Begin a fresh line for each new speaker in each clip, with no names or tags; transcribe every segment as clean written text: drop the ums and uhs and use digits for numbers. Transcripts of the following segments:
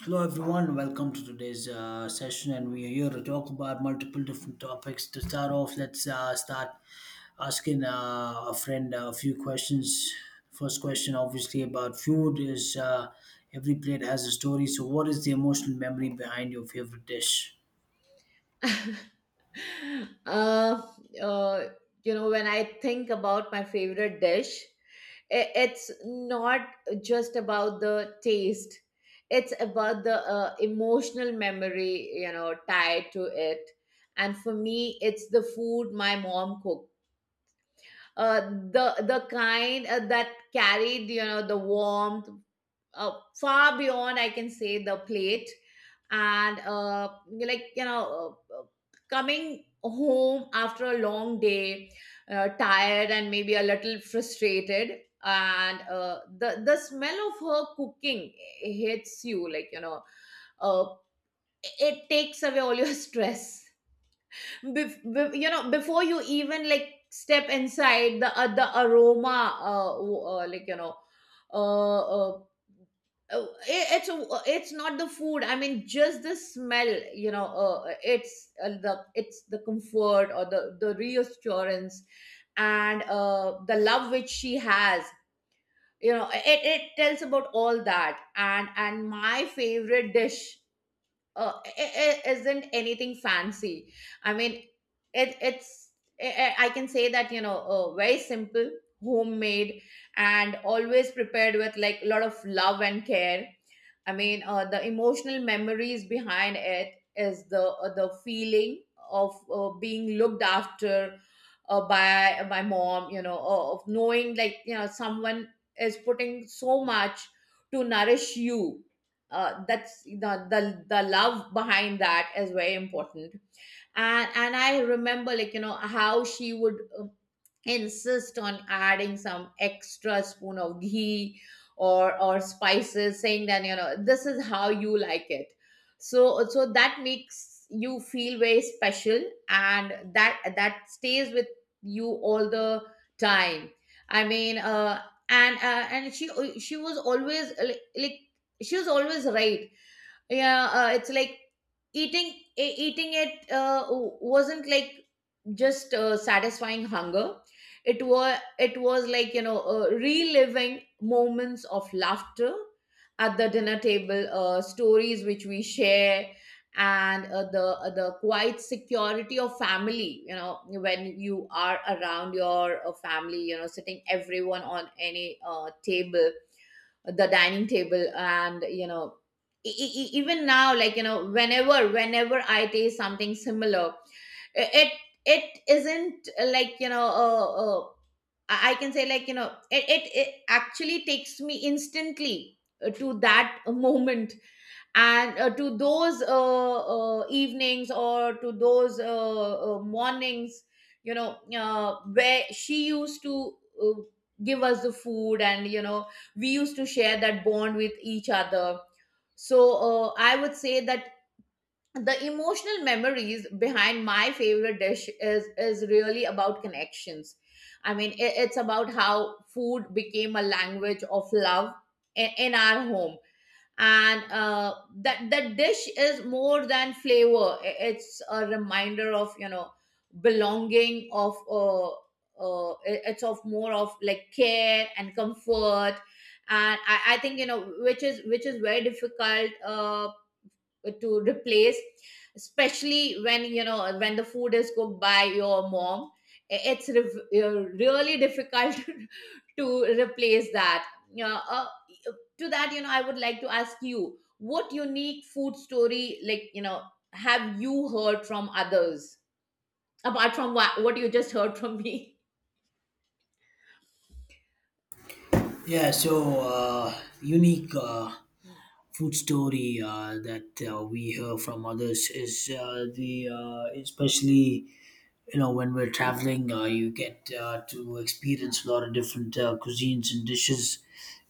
Hello everyone, welcome to today's session, and we are here to talk about multiple different topics. To start off, let's start asking a friend a few questions. First question, obviously, about food is every plate has a story. So, what is the emotional memory behind your favorite dish?
uh, uh, you know, when I think about my favorite dish, it's not just about the taste. It's about the emotional memory, you know, tied to it. And for me, it's the food my mom cooked. Uh, the kind that carried, you know, the warmth uh, far beyond I can say the plate and like you know uh, uh, coming home after a long day, tired and maybe a little frustrated, and the smell of her cooking hits you like you know uh, it takes away all your stress. You know, before you even like step inside, the aroma w- like you know uh, uh it- it's not the food, I mean just the smell. It's the it's the comfort or the reassurance and the love which she has, you know, it tells about all that. And my favorite dish, it isn't anything fancy. I mean, it it's I can say that, you know, very simple, homemade, and always prepared with like a lot of love and care. I mean, the emotional memories behind it is the feeling of being looked after by my mom. You know, of knowing, like you know, someone is putting so much to nourish you. That's the, the love behind that is very important. And I remember, like you know, how she would insist on adding some extra spoon of ghee or spices, saying that, you know, this is how you like it. So that makes you feel very special, and that stays with you all the time, I mean and she was always like, she was always right. Yeah, it's like eating, eating it wasn't like just satisfying hunger. It was like, you know, reliving moments of laughter at the dinner table, stories which we share, and the quiet security of family, you know, when you are around your family, you know, sitting everyone on any table, the dining table. And you know, even now, like you know, whenever I taste something similar, it it isn't I can say, like you know, it actually takes me instantly to that moment, and to those evenings or to those mornings, you know, where she used to uh, give us the food. And you know, we used to share that bond with each other. So I would say that the emotional memories behind my favorite dish is really about connections. I mean, it's about how food became a language of love in our home. And that dish is more than flavor. It's a reminder of, you know, belonging, of it's of more of like care and comfort. And I think, you know, which is very difficult to replace, especially when, you know, when the food is cooked by your mom. Really difficult to replace that, you know. To that You know, I would like to ask you, what unique food story, like you know, have you heard from others, apart from what you just heard from me.
Yeah, so unique.
Mm.
Food story that we hear from others is the especially you know when we're traveling you get to experience a lot of different cuisines and dishes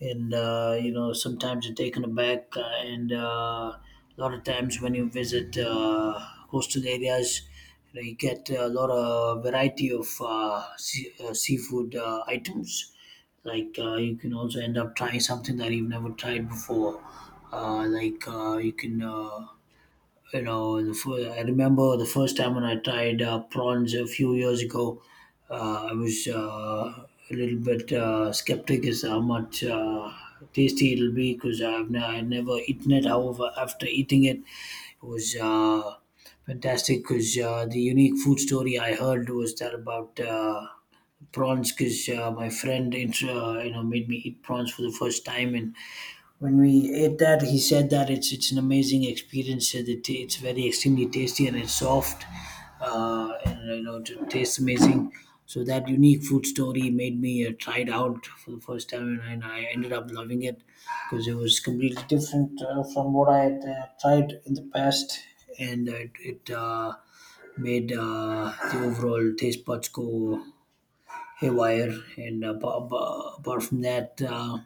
and you know sometimes you're taken aback and a lot of times when you visit coastal areas, you know, you get a lot of variety of seafood items like you can also end up trying something that you've never tried before, like you can you know I remember the first time when I tried prawns a few years ago. I was a little bit skeptic as to how much tasty it'll be because I never eaten it. However, after eating it, it was fantastic because the unique food story I heard was that about prawns, because my friend you know made me eat prawns for the first time, and when we ate that, he said that it's an amazing experience. The it's very extremely tasty and it's soft, and you know it tastes amazing. So that unique food story made me try it out for the first time, and I ended up loving it because it was completely different from what I had tried in the past. And it, it made the overall taste buds go haywire. And apart from that,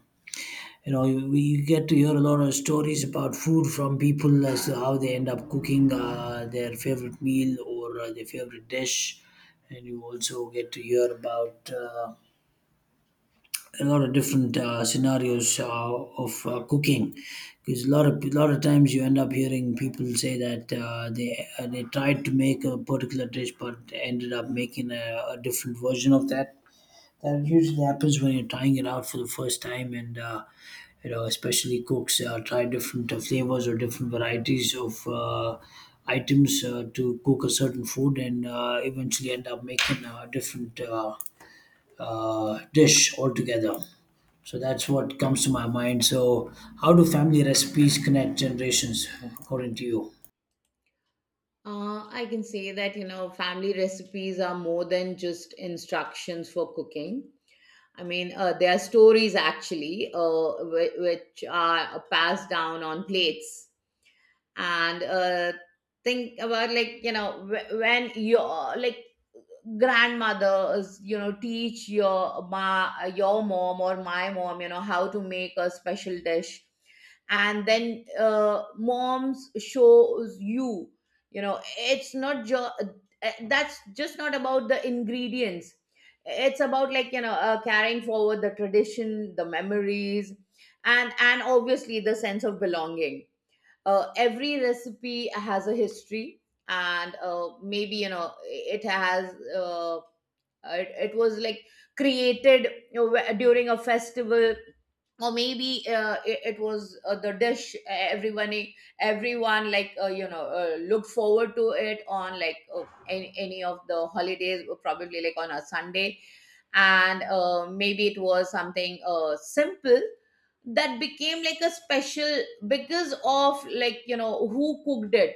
you know, you, we get to hear a lot of stories about food from people as to how they end up cooking their favorite meal or their favorite dish. And you also get to hear about a lot of different scenarios of cooking, because a lot of times you end up hearing people say that they tried to make a particular dish but ended up making a different version of that. That usually happens when you're trying it out for the first time, and you know, especially cooks try different flavors or different varieties of items to cook a certain food, and eventually end up making a different dish altogether. So that's what comes to my mind. So, how do family recipes connect generations, according to you?
I can say that, you know, family recipes are more than just instructions for cooking. I mean, there are stories, actually, which are passed down on plates. And think about, like, you know, when you're like, grandmothers, you know, teach your ma your mom or my mom, you know, how to make a special dish. And then moms shows you, you know, it's not just, that's just not about the ingredients, it's about, like you know, carrying forward the tradition, the memories, and obviously the sense of belonging. Every recipe has a history, and maybe, you know, it was like created, you know, during a festival. Or maybe it was the dish everyone, like looked forward to it on like any of the holidays, or probably like on a Sunday. And maybe it was something simple that became like a special because of, like you know, who cooked it.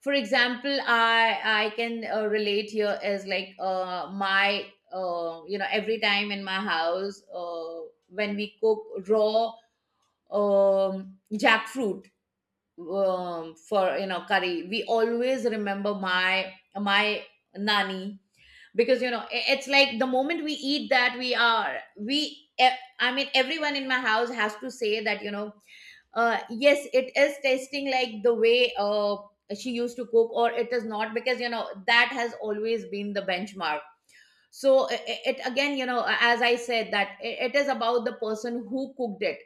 For example, I can relate here as like, my, you know, every time in my house, when we cook raw jackfruit, for, you know, curry, we always remember my, my nani. Because you know, it's like, the moment we eat that, we are we e- I mean, everyone in my house has to say that, you know, yes, it is tasting like the way she used to cook, or it is not, because you know that has always been the benchmark. So, it, again, you know, as I said, that I- it is about the person who cooked it.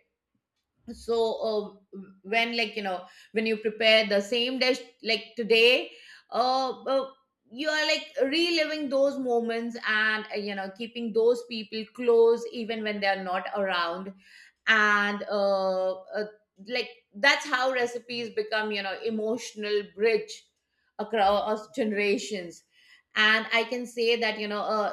So when, like you know, when you prepare the same dish like today, uh, uh you are like reliving those moments, and you know, keeping those people close even when they are not around. And like that's how recipes become, you know, emotional bridge across generations. And I can say that, you know,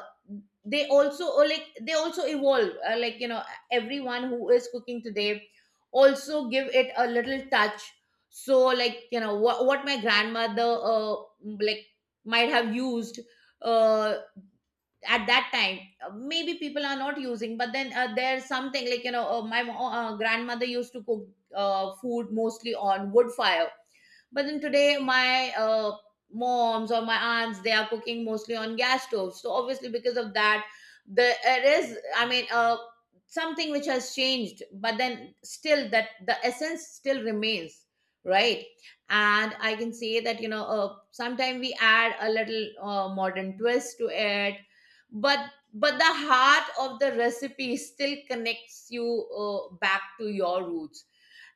they also, or like, they also evolve. Like you know, everyone who is cooking today also give it a little touch. So, like you know, what my grandmother like might have used uh at that time, maybe people are not using. But then there's something, like you know, grandmother used to cook food mostly on wood fire. But then today, my moms or my aunts, they are cooking mostly on gas stoves. So obviously, because of that, the it is. I mean, something which has changed, but then still that the essence still remains, right? And I can say that, you know, sometimes we add a little modern twist to it, but the heart of the recipe still connects you back to your roots.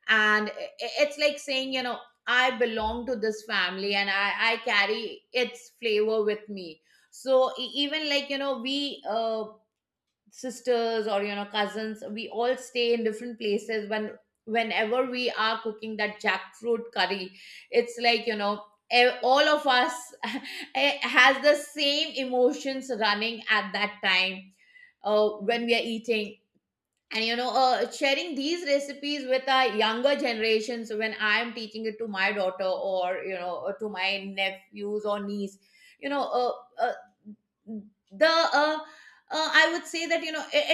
And it's like saying, you know, I belong to this family, and I carry its flavor with me. So, even, like you know, we sisters, or you know, cousins, we all stay in different places. Whenever we are cooking that jackfruit curry, it's like, you know, all of us has the same emotions running at that time, when we are eating. And you know, sharing these recipes with our younger generations, when I'm teaching it to my daughter, or you know, or to my nephews or niece. You know, uh, the I would say that, you know,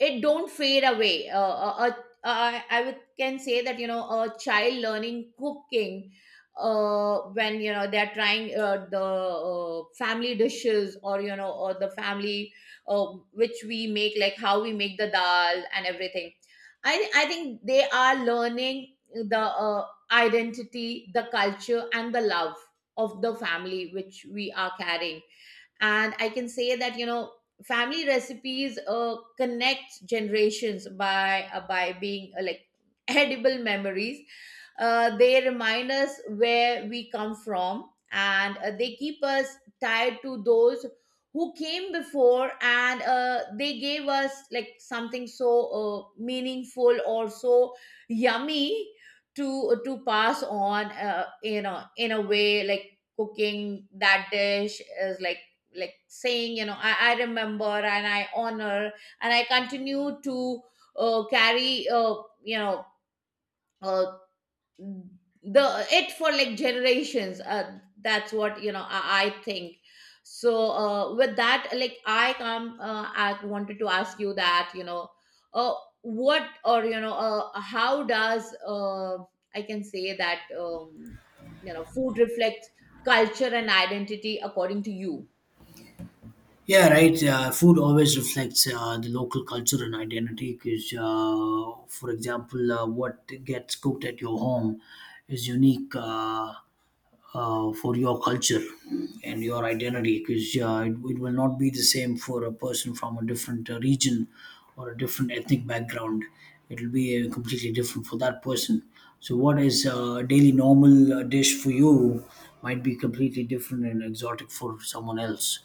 it, it don't fade away. I would can say that, you know, a child learning cooking, when you know, they're trying the family dishes, or you know, or the family, uh, which we make, like how we make the dal and everything, I think they are learning the uh, identity, the culture, and the love of the family which we are carrying. And I can say that, you know, family recipes connect generations by being edible memories. They remind us where we come from, and they keep us tied to those who came before. And they gave us like something so meaningful, or so yummy, to pass on, you know. In a way, like, cooking that dish is like, saying, you know, I remember, and I honor, and I continue to carry you know uh, the it for like generations. That's what, you know, I think. So with that, like I wanted to ask you that, you know, uh, what, or you know, how does I can say that, you know, food reflects culture and identity, according to you?
Yeah, right. Food always reflects the local culture and identity because, for example, what gets cooked at your home is unique for your culture and your identity, because it will not be the same for a person from a different region or a different ethnic background. It will be completely different for that person. So, what is a daily normal dish for you might be completely different and exotic for someone else.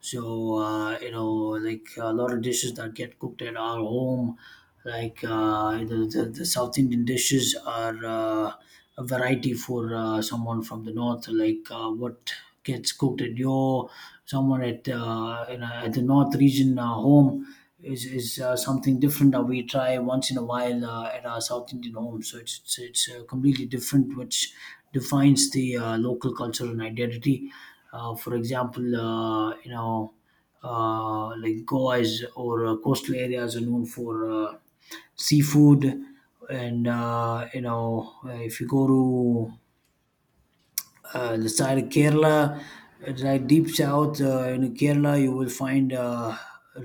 So you know, like a lot of dishes that get cooked at our home, like the South Indian dishes are a variety for someone from the north. Like what gets cooked at your someone at at the north region home is something different that we try once in a while at our South Indian home. So it's completely different, which defines the local culture and identity. For example, you know, like Goa's or coastal areas are known for seafood, and you know, if you go to the side of Kerala, it's like deep south in Kerala, you will find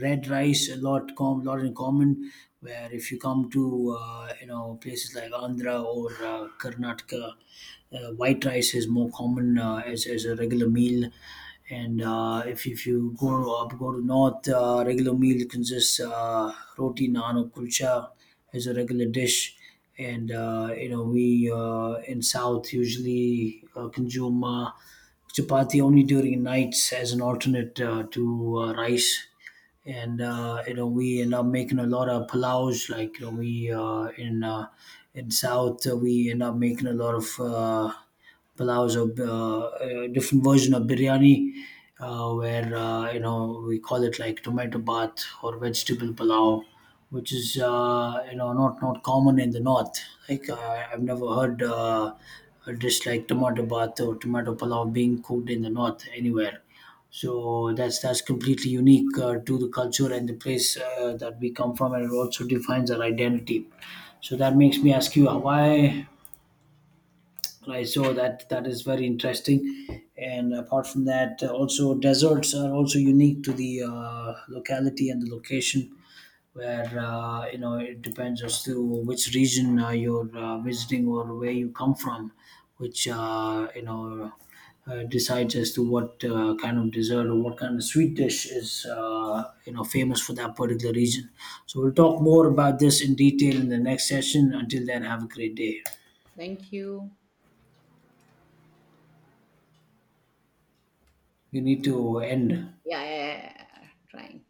red rice a lot, lot in common. Where if you come to you know places like Andhra or Karnataka, white rice is more common as a regular meal. And if you go up, go to north, regular meal consists roti, naan, or kulcha as a regular dish. And you know we in South usually consume chapati only during nights as an alternate to rice. And you know we end up making a lot of palaus, like you know we in south we end up making a lot of palaus or a different version of biryani, where you know we call it like tomato bath or vegetable palau, which is you know not common in the north. Like I've never heard a dish like tomato bath or tomato palau being cooked in the north anywhere. So that's completely unique to the culture and the place that we come from, and it also defines our identity. So that makes me ask you Hawaii, right? So that is very interesting. And apart from that, also deserts are also unique to the locality and the location, where you know it depends as to which region you're visiting or where you come from, which you know decides as to what kind of dessert or what kind of sweet dish is you know famous for that particular region. So we'll talk more about this in detail in the next session. Until then, have a great day.
Thank you.
We need to end.
Yeah, yeah, yeah. Yeah, yeah. Trying.